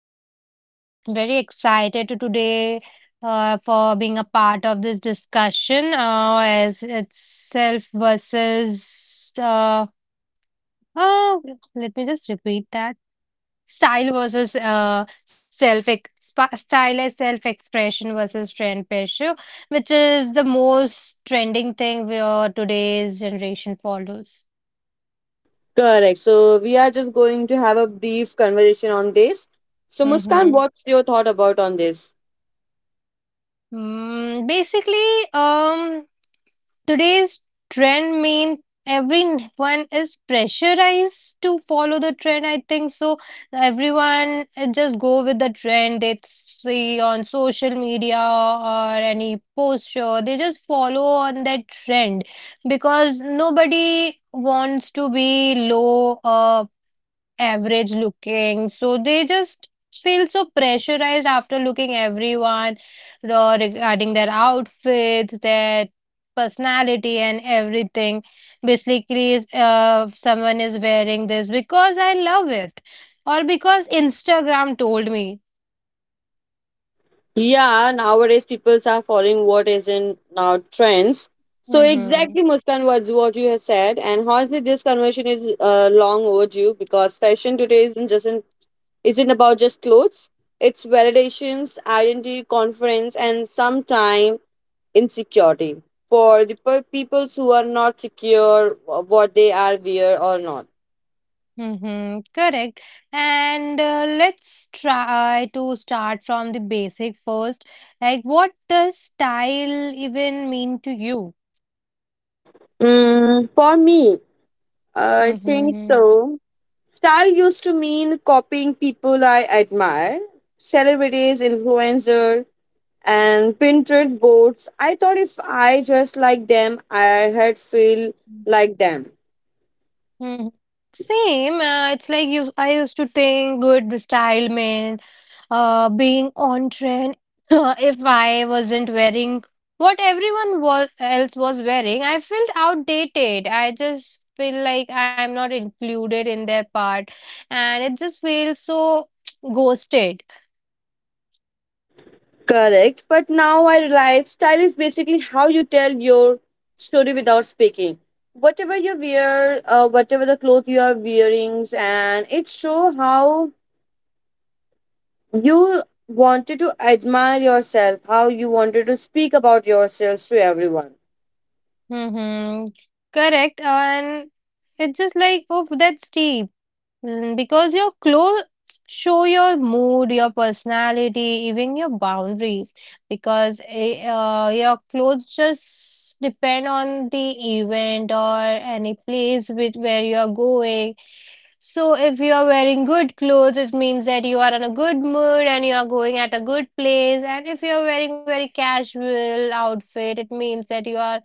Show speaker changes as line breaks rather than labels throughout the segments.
Muskan and very excited to today, for being a part of this discussion, as it's self versus oh, let me just repeat that. style versus uh, self ex- Style as self expression versus trend pressure, which is the most trending thing where today's generation follows.
Correct. So we are just going to have a brief conversation on this. So Muskan,
Mm-hmm.
what's your thought about on this?
Basically, today's trend means everyone is pressurized to follow the trend. I think so. Everyone just go with the trend they see on social media or any poster. They just follow on that trend because nobody wants to be low or average looking. So they just feel so pressurized after looking everyone, regarding their outfits, their personality, and everything. Basically, is someone is wearing this because I love it, or because Instagram told me.
Yeah, nowadays people are following what is in now trends. So
Mm-hmm.
exactly, Muskan, was what you have said, and honestly, this conversation is long overdue because fashion today isn't just isn't about just clothes. It's validations, identity, confidence, and sometimes insecurity for the peoples who are not secure what they are wear or not.
Mm-hmm. Correct. And let's try to start from the basic first. Like, what does style even mean to you?
For me, I
Mhm,
think
mhm.
so. Style used to mean copying people I admire, celebrities, influencer, and Pinterest boards. I thought if I just like them, I had feel like them.
Mhm. Same. It's like you. I used to think good style meant being on trend. If I wasn't wearing what everyone was else was wearing, I felt outdated. I just feel like I'm not included in their part, and it just feels so ghosted.
Correct. But now I realize style is basically how you tell your story without speaking. Whatever you wear, whatever the clothes you are wearing, and it show how you wanted to admire yourself, how you wanted to speak about yourselves to everyone.
Mm-hmm. Correct. And it's just like, oh, that's deep. Because your clothes show your mood, your personality, even your boundaries. Because your clothes just depend on the event or any place with where you are going. So if you are wearing good clothes, it means that you are in a good mood and you are going at a good place. And if you are wearing very casual outfit, it means that you are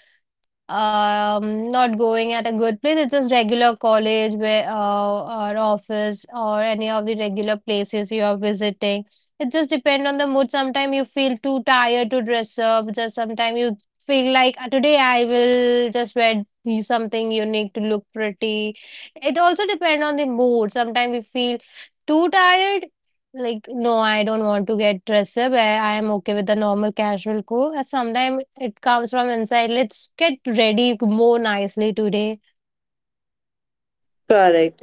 not going at a good place. It's just regular college, where or office, or any of the regular places you are visiting. It just depends on the mood. Sometimes you feel too tired to dress up. Just sometimes you feel like, "Ah, today I will just wear something unique to look pretty." It also depends on the mood. Sometimes we feel too tired, like, no, I don't want to get dressed up. I am okay with the normal casual clothes. Sometimes it comes from inside. Let's get ready more nicely today.
Correct.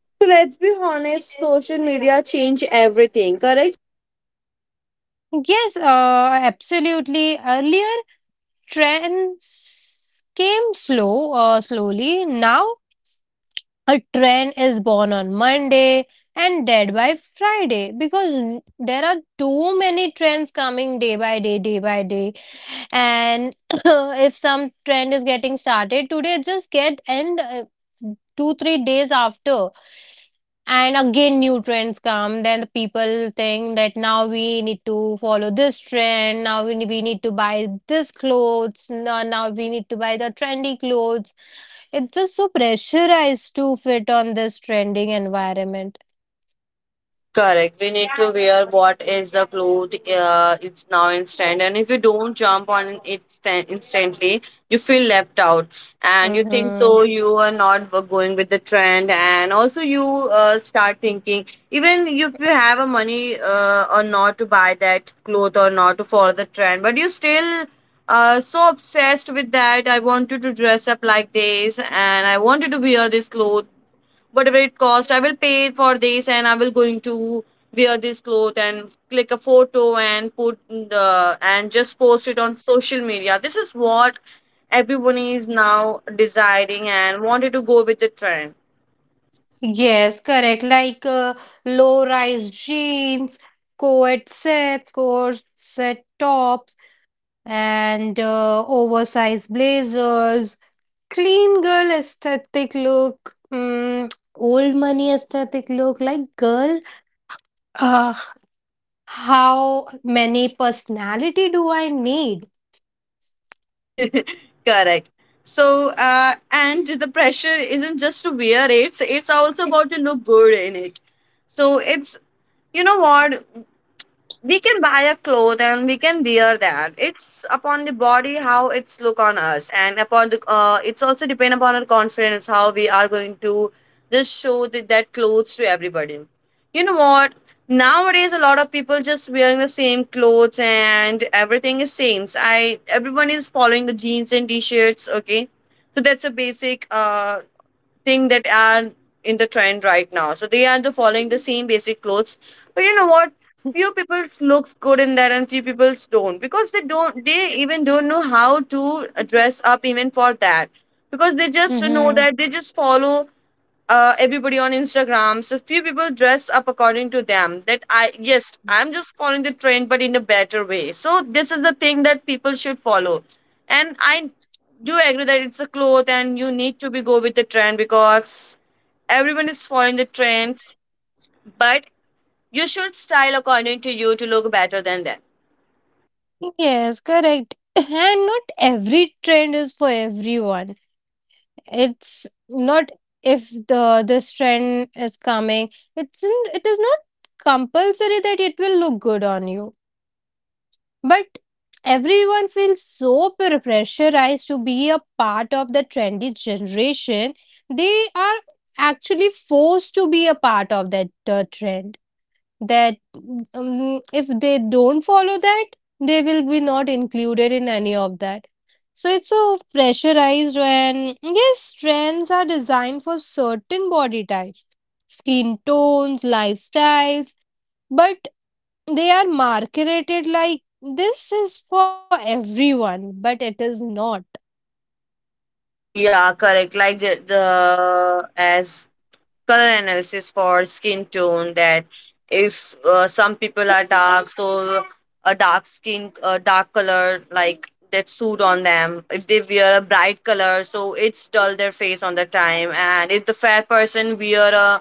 So let's be honest, social media change everything. Correct.
Yes, absolutely. Earlier, trends came slow or slowly. Now, a trend is born on Monday and dead by Friday, because there are too many trends coming day by day, day by day. And if some trend is getting started today, just get and 2-3 days after, and again new trends come, then the people think that now we need to follow this trend. Now we need to buy this clothes. Now we need to buy the trendy clothes. It's just so pressurized to fit on this trending environment.
Correct. We need to wear what is the cloth. It's now instant, and if you don't jump on it instantly, you feel left out, and you think
Mm-hmm.
so you are not going with the trend, and also you start thinking even if you have a money or not to buy that cloth or not to follow the trend, but you still so obsessed with that. I wanted to dress up like this, and I wanted to wear this cloth, whatever it cost I will pay for this and I will going to wear this cloth and click a photo and put the and just post it on social media. This is what everyone is now desiring and wanted to go with the trend.
Yes, correct. Like low-rise jeans, co-ed sets, corset tops, and oversized blazers. Clean girl aesthetic look. Mm, old money aesthetic look. Like, girl, uh, how many personality do I need?
Correct. So and the pressure isn't just to wear it, it's also about to look good in it. So it's, you know what, we can buy a cloth and we can wear that. It's upon the body how it's look on us and upon the it's also depend upon our confidence how we are going to just show that clothes to everybody. You know what, nowadays a lot of people just wearing the same clothes and everything is same. So I everyone is following the jeans and t-shirts, okay, so that's a basic thing that are in the trend right now. So they are the following the same basic clothes. But you know what? Few people looks good in that and few people don't because they even don't know how to dress up even for that because they just know
Mm-hmm.
that they just follow everybody on Instagram. So few people dress up according to them. That I, yes, I'm just following the trend, but in a better way. So this is the thing that people should follow, and I do agree that it's a cloth, and you need to be go with the trend because everyone is following the trends. But you should style according to you to look better than them.
Yes, correct. And not every trend is for everyone. It's not. If the this trend is coming, it is not compulsory that it will look good on you, but everyone feels so pressurized to be a part of the trendy generation. They are actually forced to be a part of that trend, that if they don't follow that, they will be not included in any of that. So it's so pressurized, and yes, trends are designed for certain body types, skin tones, lifestyles, but they are marketed like this is for everyone, but it is not.
Yeah, correct. Like the as color analysis for skin tone that if some people are dark, so a dark skin a dark color like that suit on them. If they wear a bright color, so it's dull their face on the time. And if the fair person wear a,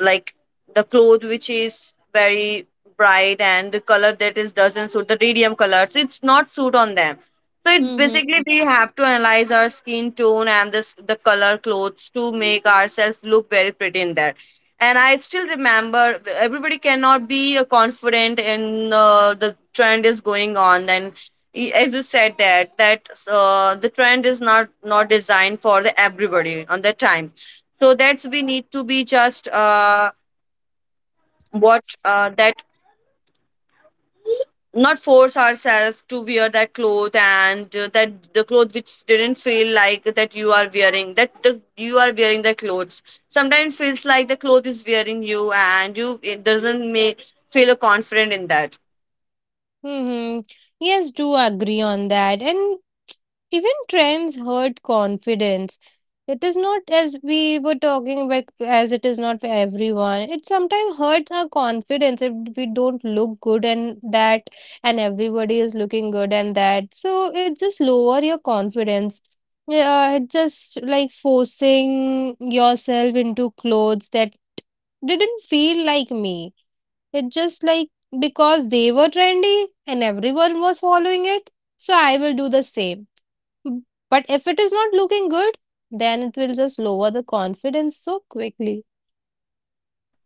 like, the cloth which is very bright and the color that is doesn't suit the radium color, so it's not suit on them. So it's
Mm-hmm.
basically we have to analyze our skin tone and this the color clothes to make ourselves look very pretty in that. And I still remember everybody cannot be confident in the trend is going on. And as you said that that the trend is not not designed for the everybody on that time. So that's we need to be just what that not force ourselves to wear that cloth and that the cloth which didn't feel like that you are wearing you are wearing the clothes. Sometimes feels like the cloth is wearing you and you it doesn't make feel confident in that.
Mm-hmm. Yes, do agree on that. And even trends hurt confidence. It is not, as we were talking about, as it is not for everyone. It sometimes hurts our confidence if we don't look good and that, and everybody is looking good and that. So it just lower your confidence. Yeah, it just like forcing yourself into clothes that didn't feel like me. It just like because they were trendy and everyone was following it, so I will do the same. Mm. But if it is not looking good, then it will just lower the confidence so quickly.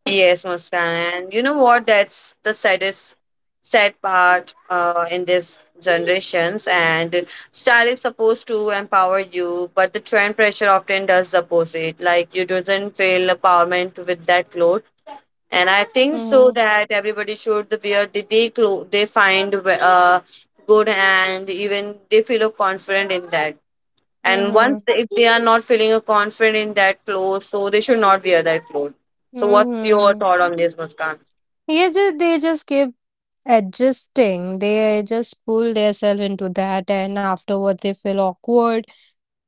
Yes, Muskan, and you know what? That's the saddest, sad part in this generations. And style is supposed to empower you, but the trend pressure often does the opposite. Like you doesn't feel empowerment with that clothes. And I think so
Mm-hmm.
that everybody should wear the they clothes they find good, and even they feel confident in that. And
Mm-hmm.
once if they are not feeling confident in that clothes, so they should not wear that clothes. So what's your
Mm-hmm.
thought on this, Muskan?
Yeah, they just keep adjusting. They just pull themselves into that, and afterward they feel awkward,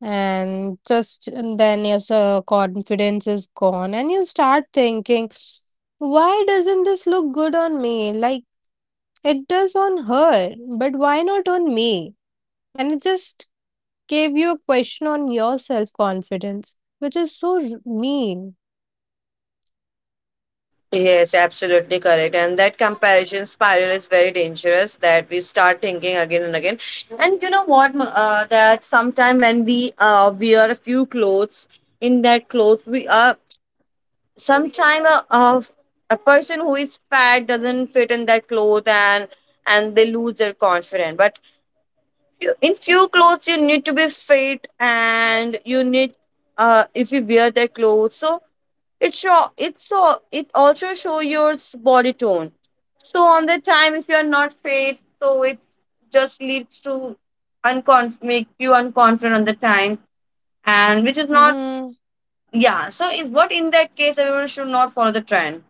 and just and then your confidence is gone, and you start thinking, why doesn't this look good on me? Like it does on her, but why not on me? And it just gave you a question on your self confidence, which is so mean.
Yes, absolutely correct. And that comparison spiral is very dangerous that we start thinking again and again. And you know what, that sometime when we wear a few clothes, in that clothes we are sometime a person who is fat doesn't fit in that clothes. And they lose their confidence. But in few clothes you need to be fit and you need, uh, if you wear that clothes, so it show it, so it also show your body tone. So on the time, if you're not fit, so it just leads to unconf make you unconfident on the time, and which is not.
Hmm.
Yeah, so in what in that case everyone should not follow the trend.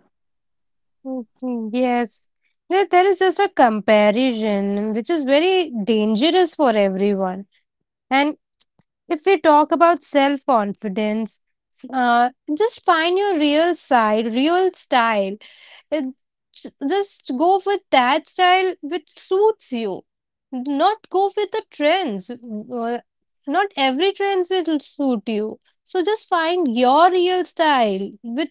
Yes. There is just a comparison, which is very dangerous for everyone. And if we talk about self confidence, uh, just find your real side, real style. It, just go with that style which suits you. Not go with the trends. Not every trends will suit you. So just find your real style with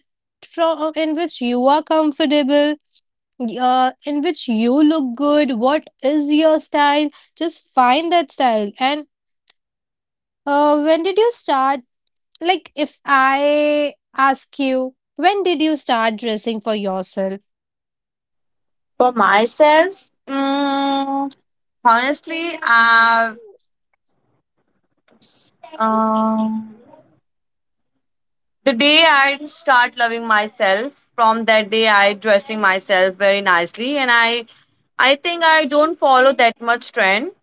from in which you are comfortable, in which you look good. What is your style? Just find that style and when did you start like, if I ask you, when did you start dressing for yourself?
For myself, honestly, I've um the day I start loving myself, from that day I dressing myself very nicely, and I think I don't follow that much trend.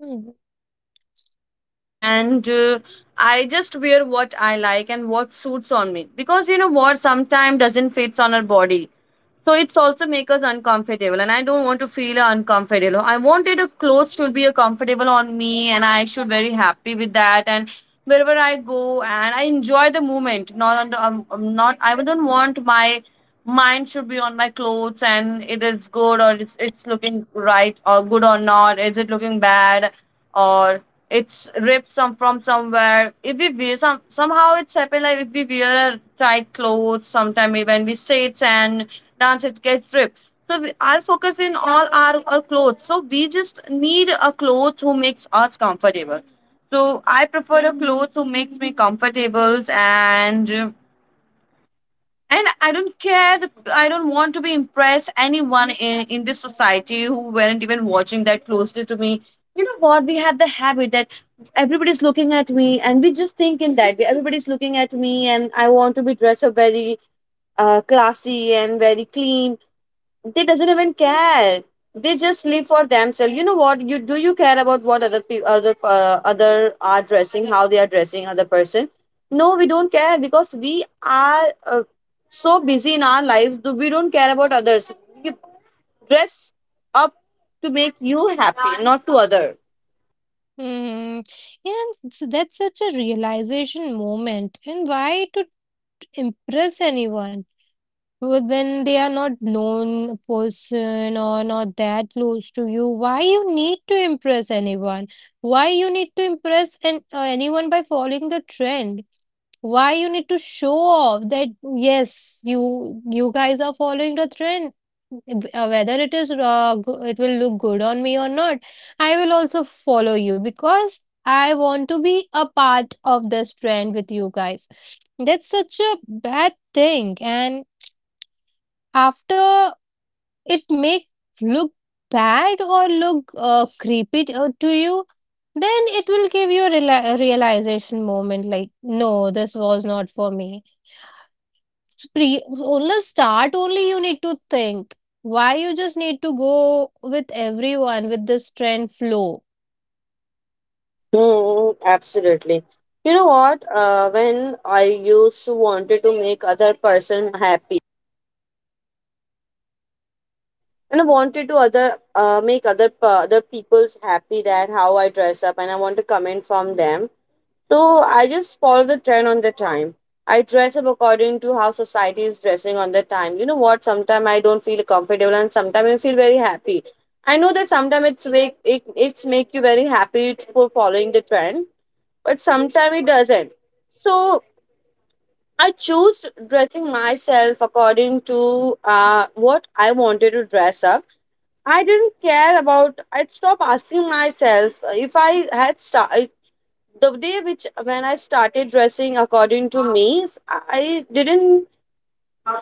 Mm.
And I just wear what I like and what suits on me, because you know what, sometimes doesn't fits on our body. So it's also make us uncomfortable, and I don't want to feel uncomfortable. I wanted a clothes should be a comfortable on me and I should very happy with that. And wherever I go and I enjoy the moment, not on the not I don't want my mind should be on my clothes and it is good or it's looking right or good or not, is it looking bad or it's ripped some from somewhere. If we wear some somehow it's happened, like if we wear a tight clothes sometime when we sit and dance it gets ripped. So we are focusing all our clothes. So we just need a clothes who makes us comfortable. So I prefer a clothes who makes me comfortable. And I don't care I don't want to be impressed anyone in this society who weren't even watching that closely to me. You know what, we have the habit that everybody's looking at me, and we just think in that way everybody's looking at me, and I want to be dressed up very classy and very clean. They doesn't even care. They just live for themselves. You know what, you do you care about what other people other are dressing, how they are dressing other person? No, we don't care, because we are so busy in our lives, do we don't care about others. You dress up to make you happy, not to other.
Mm. And that's such a realization moment. And why to impress anyone when they are not known person or not that close to you? Why you need to impress anyone? Why you need to impress anyone by following the trend? Why you need to show off that yes, you guys are following the trend? Whether it is it will look good on me or not, I will also follow you because I want to be a part of this trend with you guys. That's such a bad thing, and after it make look bad or look creepy to you, then it will give you a realization moment like no, this was not for me. Pre only start only you need to think. Why you just need to go with everyone with this trend flow?
Hmm, absolutely. You know what? When I used to wanted to make other person happy, and I wanted to other make other people's happy that how I dress up, and I want to comment from them. So I just follow the trend on the time. I dress up according to how society is dressing on the time. You know what? Sometimes I don't feel comfortable and sometimes I feel very happy. I know that sometimes it's make you very happy for following the trend, but sometimes it doesn't. So I choose dressing myself according to what I wanted to dress up. I didn't care about. I'd stop asking myself if I had started the day which when I started dressing according to me. I didn't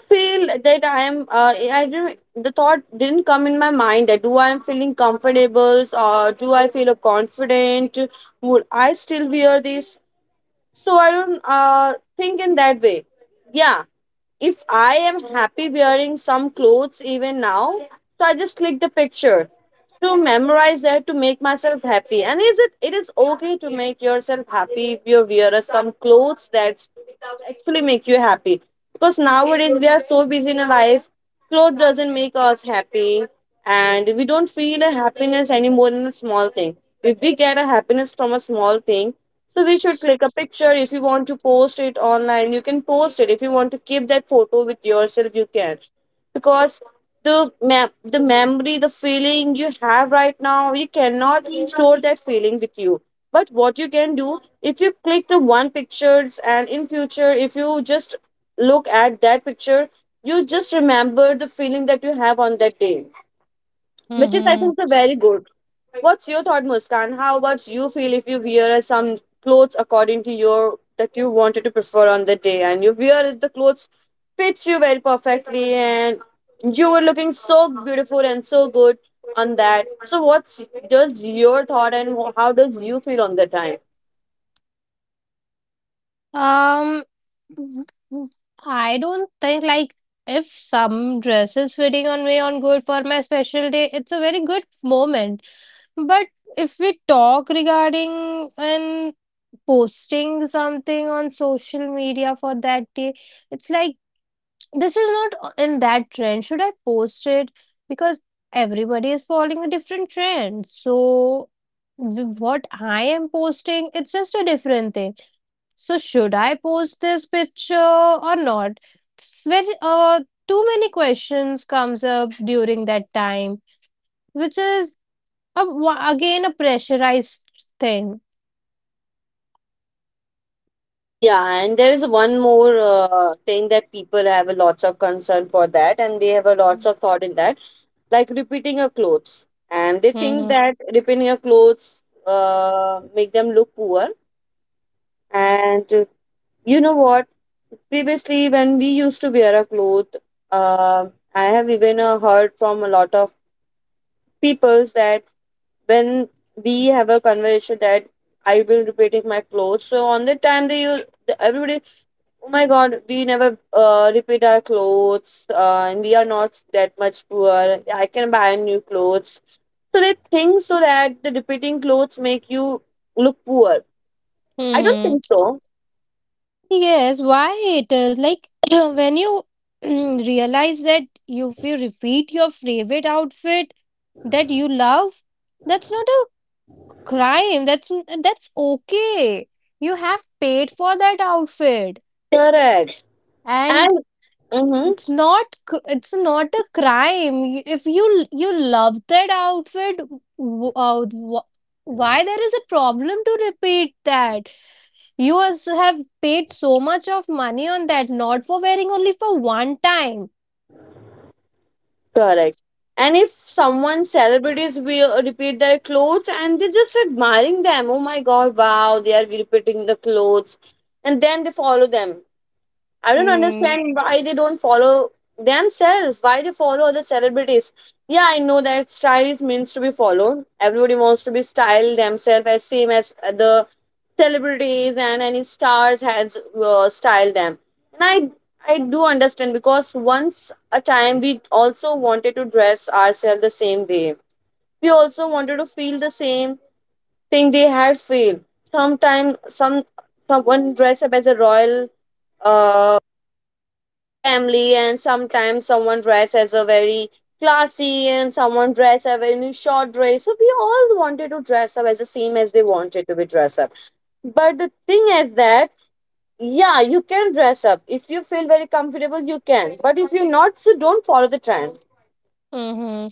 feel that I am. I didn't. The thought didn't come in my mind that do I am feeling comfortable or do I feel confident? Would I still wear this? So I don't think in that way. Yeah, if I am happy wearing some clothes even now, so I just click the picture to memorize that to make myself happy. And is it it is okay to make yourself happy if you wear some clothes that actually make you happy? Because nowadays we are so busy in our life. Clothes doesn't make us happy, and we don't feel a happiness anymore in a small thing. If we get a happiness from a small thing, so we should click a picture. If you want to post it online, you can post it. If you want to keep that photo with yourself, you can. Because the the memory, the feeling you have right now, you cannot store that feeling with you. But what you can do, if you click the one pictures, and in future, if you just look at that picture, you just remember the feeling that you have on that day, which is I
Mm-hmm.
think the very good. What's your thought, Muskan? How about you feel if you wear some clothes according to your that you wanted to prefer on the day, and you wear it, the clothes fits you very perfectly, and you were looking so beautiful and so good on that. So, what's just your thought, and how does you feel on the time?
Um, I don't think like if some dress is fitting on me on good for my special day, it's a very good moment. But if we talk regarding and posting something on social media for that day, it's like this is not in that trend. Should I post it? Because everybody is following a different trend. So what I am posting, it's just a different thing. So should I post this picture or not? It's very too many questions comes up during that time, which is again a pressurized thing.
Yeah, and there is one more thing that people have a lots of concern for that, and they have a lots of thought in that, like repeating your clothes, and they think
Mm-hmm.
that repeating your clothes make them look poor, and you know what, previously when we used to wear a cloth, uh, I have even heard from a lot of peoples that when we have a conversation that I will repeating my clothes, so on the time they use everybody, Oh my God, we never repeat our clothes, and we are not that much poor. I can buy new clothes. So they think so that the repeating clothes make you look poor. I don't
Mm-hmm.
think so.
Yes, why it is like when you realize that you, if you repeat your favorite outfit that you love, that's not a crime. That's okay. You have paid for that outfit,
Correct.
and
And mm-hmm,
it's not a crime. If you you love that outfit. w- Uh, wh- why there is a problem to repeat that? You as have paid so much of money on that, not for wearing only for one time.
correct. And if someone celebrities will repeat their clothes, and they're just admiring them. Oh my God! Wow, they are repeating the clothes, and then they follow them. I don't
Hmm.
understand why they don't follow themselves, why they follow other celebrities. Yeah, I know that style is means to be followed. Everybody wants to be styled themselves as same as the celebrities, and any stars has styled them. And I do understand because once a time we also wanted to dress ourselves the same way. We also wanted to feel the same thing they had feel. Sometimes someone dress up as a royal uh family, and sometimes someone dressed as a very classy, and someone dressed up in a short dress, so we all wanted to dress up as the same as they wanted to be dressed up, but the thing is that, yeah, you can dress up if you feel very comfortable, you can, but if you're not, so don't follow the trend.
Mm-hmm.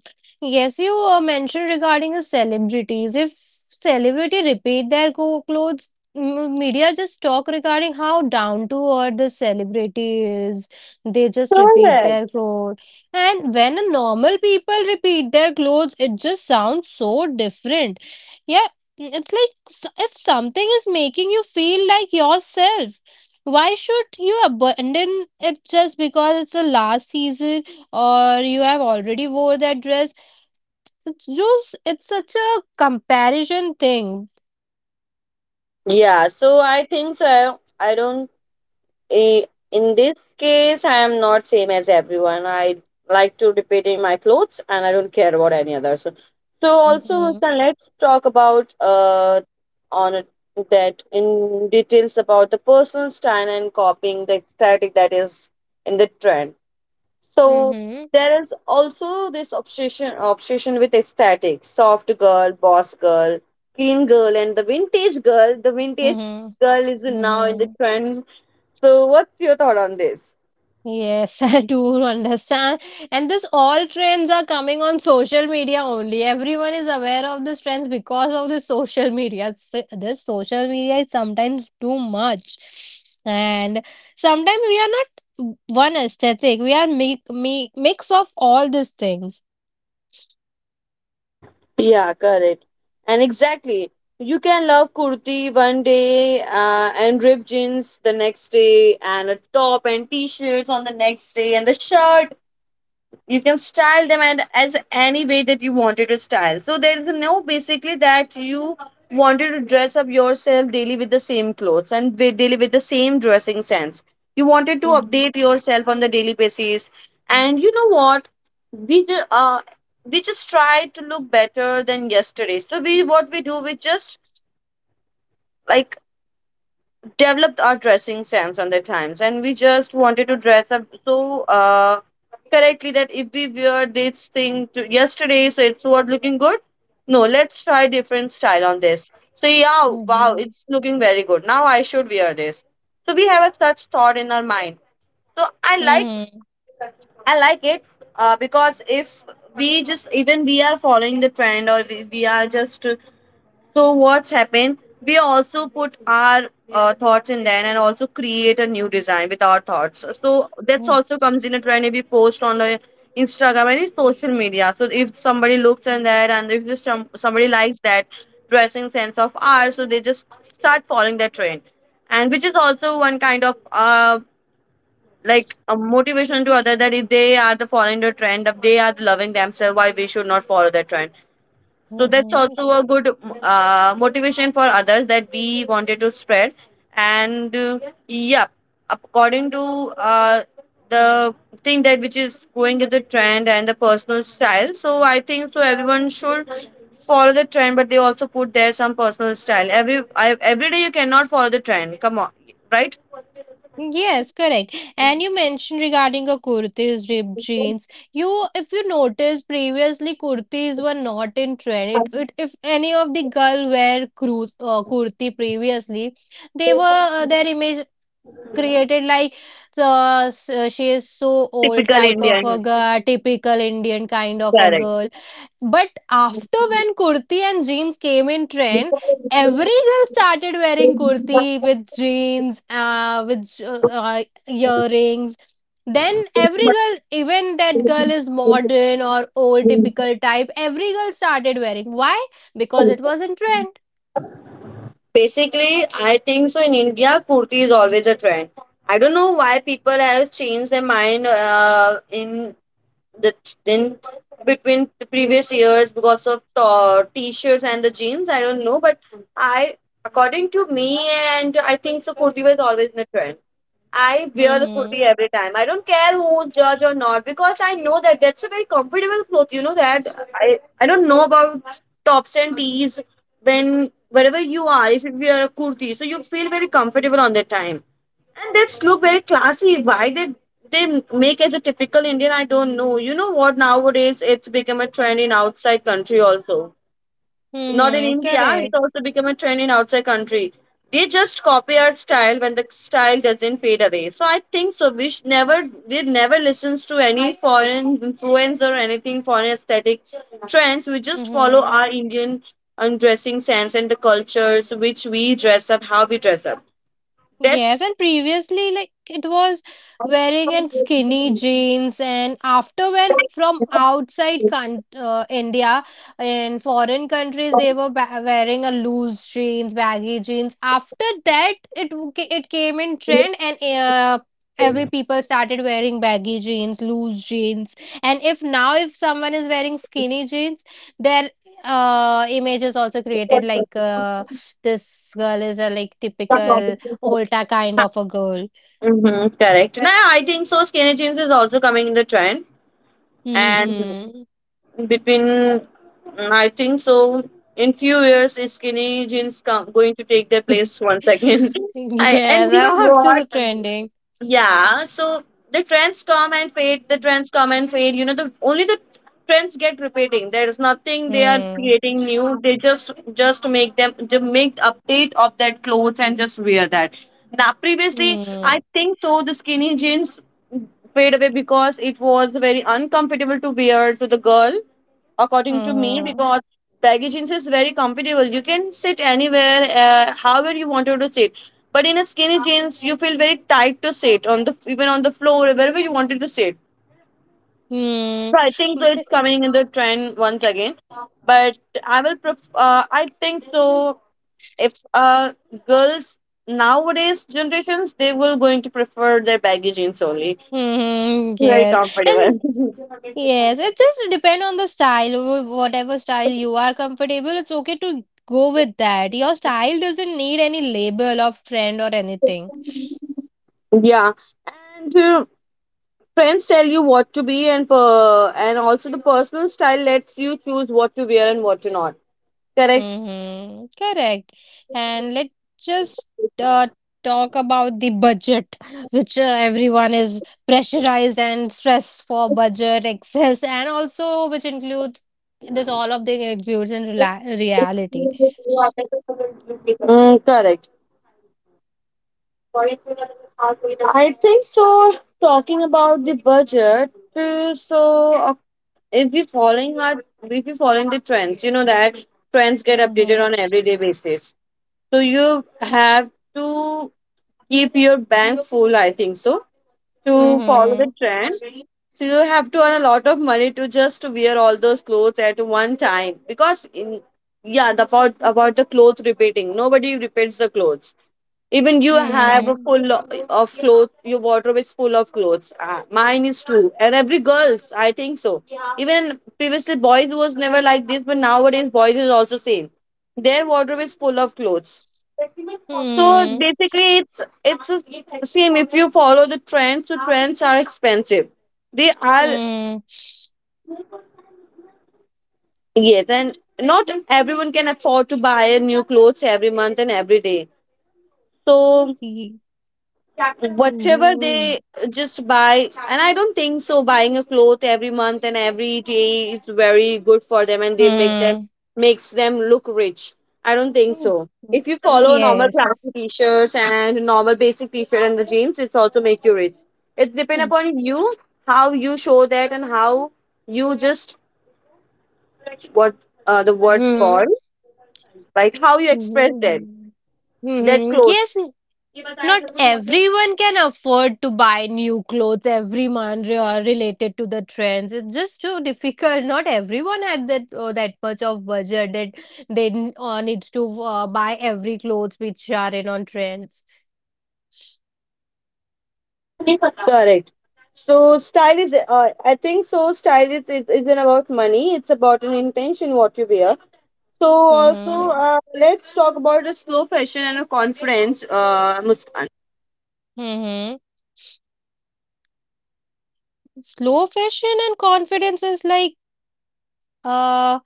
Yes, you mentioned regarding the celebrities. If celebrity repeat their co clothes, media just talk regarding how down to earth the celebrity is. They just repeat
Correct.
their clothes. And when a normal people repeat their clothes, it just sounds so different. Yeah, mm, it's like if something is making you feel like yourself, why should you abandon it just because it's the last season? Or you have already wore that dress? It's just it's such a comparison thing.
Yeah, so I think so I don't. In this case, I am not same as everyone. I like to repeating my clothes, and I don't care about any others. So also,
Mm-hmm.
Muskan, let's talk about on it- that in details about the personal style and copying the aesthetic that is in the trend. So
Mm-hmm.
there is also this obsession with aesthetic soft girl, boss girl, clean girl, and the vintage girl. The vintage
Mm-hmm.
girl is now in the
Mm-hmm.
trend. So, what's your thought on this?
Yes, I do understand, and this all trends are coming on social media only. Everyone is aware of these trends because of the social media. This social media is sometimes too much, and sometimes we are not one aesthetic, we are make, make mix of all these things.
Yeah, correct. And exactly. You can love kurti one day and ripped jeans the next day, and a top and t shirts on the next day, and the shirt, you can style them and as any way that you wanted to style, so there is no basically that you wanted to dress up yourself daily with the same clothes and with, daily with the same dressing sense. You wanted to
嗯
update yourself on the daily basis.
嗯
And you know what, we just uh we just try to look better than yesterday, so we, what we do, we just, like, developed our dressing sense on the times, and we just wanted to dress up so correctly that if we wear this thing to yesterday, so it's what looking good. No, let's try different style on this, so yeah,
嗯
wow,
嗯
it's looking very good now, I should wear this. So we have a such thought in our mind, so i
嗯
like
嗯
i like it. Because if we just even we are following the trend, or we are just, so what's happened? We also put our thoughts in there and also create a new design with our thoughts. So that's
嗯
also comes in a trend if we post on the Instagram and it's social media. So if somebody looks in there, and if this somebody likes that dressing sense of ours, so they just start following that trend, and which is also one kind of like a motivation to other that if they are the following the trend, if they are loving themselves, why we should not follow that trend. So
嗯
that's
嗯。
also a good motivation for others that we wanted to spread. And yeah, according to uh, the thing that which is going with the trend and the personal style, so I think so everyone should follow the trend, but they also put their some personal style. Every day you cannot follow the trend. Come on, right?
Yes, correct. And you mentioned regarding a kurtis, ripped jeans. You, if you notice, previously kurtis were not in trend. It if any of the girl wear kurti previously, they were their image created like she is so old
Typical
type of
Indian,
a girl, typical Indian kind of a girl. But after when kurti and jeans came in trend, every girl started wearing kurti with jeans, with earrings. Then every girl, even that girl is modern or old typical type, every girl started wearing. Why? Because it
correct.
was in trend.
Basically, I think so. In India, kurti is always a trend. I don't know why people have changed their mind in that's in between the previous years because of t-shirts and the jeans. I don't know, but I, according to me, and I think so, kurti was always in the trend. I wear the
Mm-hmm.
kurti every time. I don't care who judge or not, because I know that that's a very comfortable cloth, you know that. I don't know about tops and tees. When wherever you are, if you wear a kurti, so you feel very comfortable on that time, and that's look very classy. Why they make as a typical Indian, I don't know. You know what? Nowadays, it's become a trend in outside country also. Not in
Mm-hmm.
India, it's
Correct.
also become a trend in outside country. They just copy our style when the style doesn't fade away. So I think so. We should never listens to any foreign influence or anything foreign aesthetic trends. We just follow
Mm-hmm.
our Indian dressing sense and the cultures which we dress up, how we dress up.
Yes,
That's.
and previously, like it was wearing and skinny jeans, and after when from outside India in foreign countries they were wearing a loose jeans, baggy jeans. After that, it came in trend, and every people started wearing baggy jeans, loose jeans. And if now if someone is wearing skinny jeans, their image is also created like this girl is a like typical Olta kind of a girl.
Mm-hmm, correct. Now I think so. Skinny jeans is also coming in the trend, and
Mm-hmm.
between I think so. In few years, is skinny jeans come going to take their place once again. I, and
Yes,
you know
I'm
what?
just trending.
Yeah, so the trends come and fade, the
Mm.
trends come and fade. You know, the trends get repeating. There is nothing they are
Mm.
creating new. They just make them they make update of that clothes and just wear that. Now previously I think so the skinny jeans fade away because it was very uncomfortable to wear to the girl, according to me,
Mm.
because baggy jeans is very comfortable. You can sit anywhere however you wanted to sit, but in a skinny jeans you feel very tight to sit on the even on the floor wherever you wanted to sit. So
Mm.
I think so it's coming in the trend once again. But I will I think so, if girls nowadays generations they will going to prefer their baggy jeans only,
Mm.
very
Yes, and
comfortable.
yes, it just depend on the style. Whatever style you are comfortable, it's okay to go with that. Your style doesn't need any label of trend or anything.
Yeah, and trends tell you what to be, and also the personal style lets you choose what to wear and what to not. Correct.
Mm-hmm. Correct. And let's just uh, talk about the budget, which everyone is pressurized and stressed for budget excess, and also which includes this all of the includes in reality.
Mm, correct. I think so. Talking about the budget, uh, so uh, if we following our if you following the trends, you know that trends get updated
Mm-hmm.
on everyday basis. So you have to keep your bank full. I think so, to follow
Mm-hmm.
the trend. So you have to earn a lot of money to just wear all those clothes at one time because in, yeah, the part about the clothes repeating. Nobody repeats the clothes. Even you have a
Mm-hmm.
full of clothes. Your wardrobe is full of clothes. Mine is too, and every girls, I think so. Even previously boys was never like this, but nowadays boys is also same. Their wardrobe is full of clothes, so
Mm-hmm.
basically, it's the same. If you follow the trends, so trends are expensive. They are,
Mm-hmm.
yes, and not everyone can afford to buy a new clothes every month and every day. So whatever
Mm-hmm.
they just buy, and I don't think so buying a cloth every month and every day is very good for them, and they make them
Mm-hmm.
makes them look rich. I don't think so if you
Mm-hmm.
follow normal
Yes.
classic t-shirts and normal basic t-shirt and the jeans, it's also make you rich. It's depend
Mm-hmm.
upon you, how you show that and how you just what the word called, like, how you express that,
Mm-hmm.
that
Hmm. Yes,
clothes.
not everyone can afford to buy new clothes every month related to the trends. It's just too difficult. Not everyone had that that much of budget that they needs to buy every clothes which are in on trends.
Correct. So style is, I think so. Style is isn't about money. It's about an intention what you wear. So also,
Mm-hmm.
uh, let's talk about the slow fashion and a confidence, Muskan.
Mm-hmm. Slow fashion and confidence is like uh,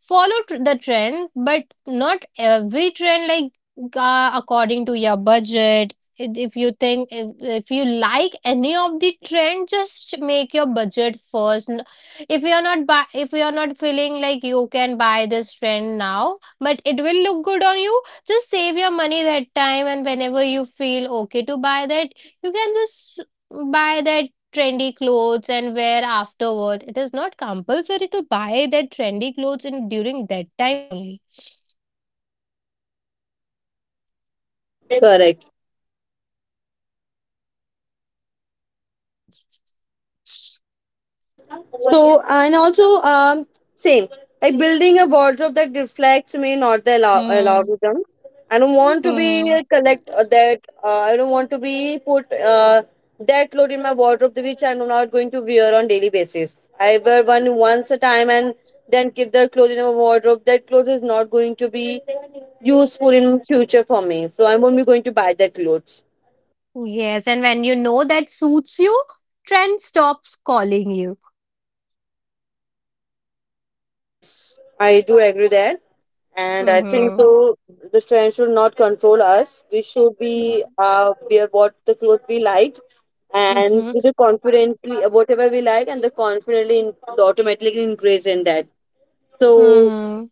follow the trend but not every trend like according to your budget. If you think if you like any of the trend, just make your budget first. If you are not buy, if you are not feeling like you can buy this trend now but it will look good on you, just save your money that time, and whenever you feel okay to buy that, you can just buy that trendy clothes and wear afterward. It is not compulsory to buy that trendy clothes in during that time only.
Correct. So and also same, like building a wardrobe that reflects me, not the
Hmm.
algorithm. I don't want to be
Hmm.
a collect that. I don't want to be put that load in my wardrobe which I'm not going to wear on daily basis. I wear one, once a time, and then keep the clothes in my wardrobe. That clothes is not going to be useful in future for me. So I won't be going to buy that clothes.
Yes, and when you know that suits you, trend stops calling you.
Yes, I do agree that. And I think
Hmm.
so. The trend should not control us. We should
Hmm.
be wear what the clothes we like, and with the confidently whatever we like, and the confidently in, automatically increase in that. So.
Hmm.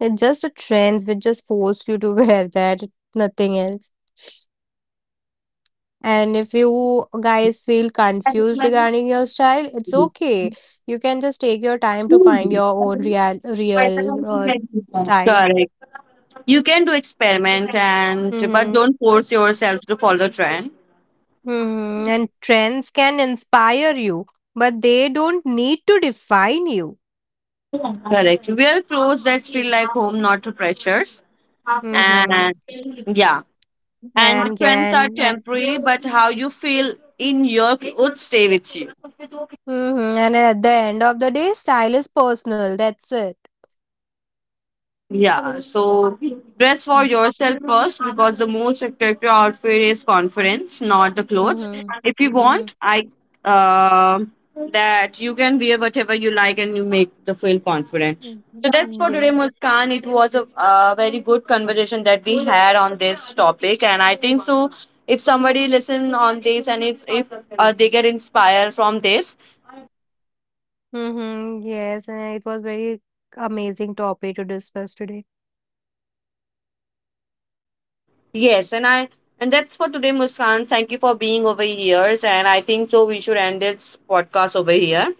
It's just a trends which just force you to wear that, nothing else. And if you guys feel confused regarding your style, it's
Mhm.
okay. You can just take your time to find your own real style.
Correct. You can do experiment, and but
Mm-hmm.
don't force yourself to follow the trend.
Mm-hmm. And trends can inspire you, but they don't need to define you.
Correct. Wear clothes that feel like home, not to pressures.
Mm-hmm.
And yeah, and the
And
trends are
can eh,
temporary, but how you feel in your clothes stay with you.
mm-hmm, and at the end of the day, style is personal. That's it.
Yeah, so dress for
Mm-hmm.
yourself first because the most attractive outfit is confidence, not the clothes. If you
Mm-hmm.
want, I, uh, that you can wear whatever you like and you make the feel confident. So that's
Mm-hmm.
for today,
Yes.
Muskan. It was a very good conversation that we had on this topic, and I think so, if somebody listen on this, and if they get inspired from this,
Mm-hmm. Yes, and it was very amazing topic to discuss today.
Yes, and I, and that's for today, Muskan. Thank you for being over here. And I think so we should end this podcast over here.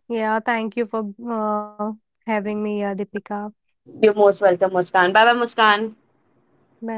Yeah, thank you for having me, Deepika.
You're most welcome, Muskan. Bye bye, Muskan.
Bye.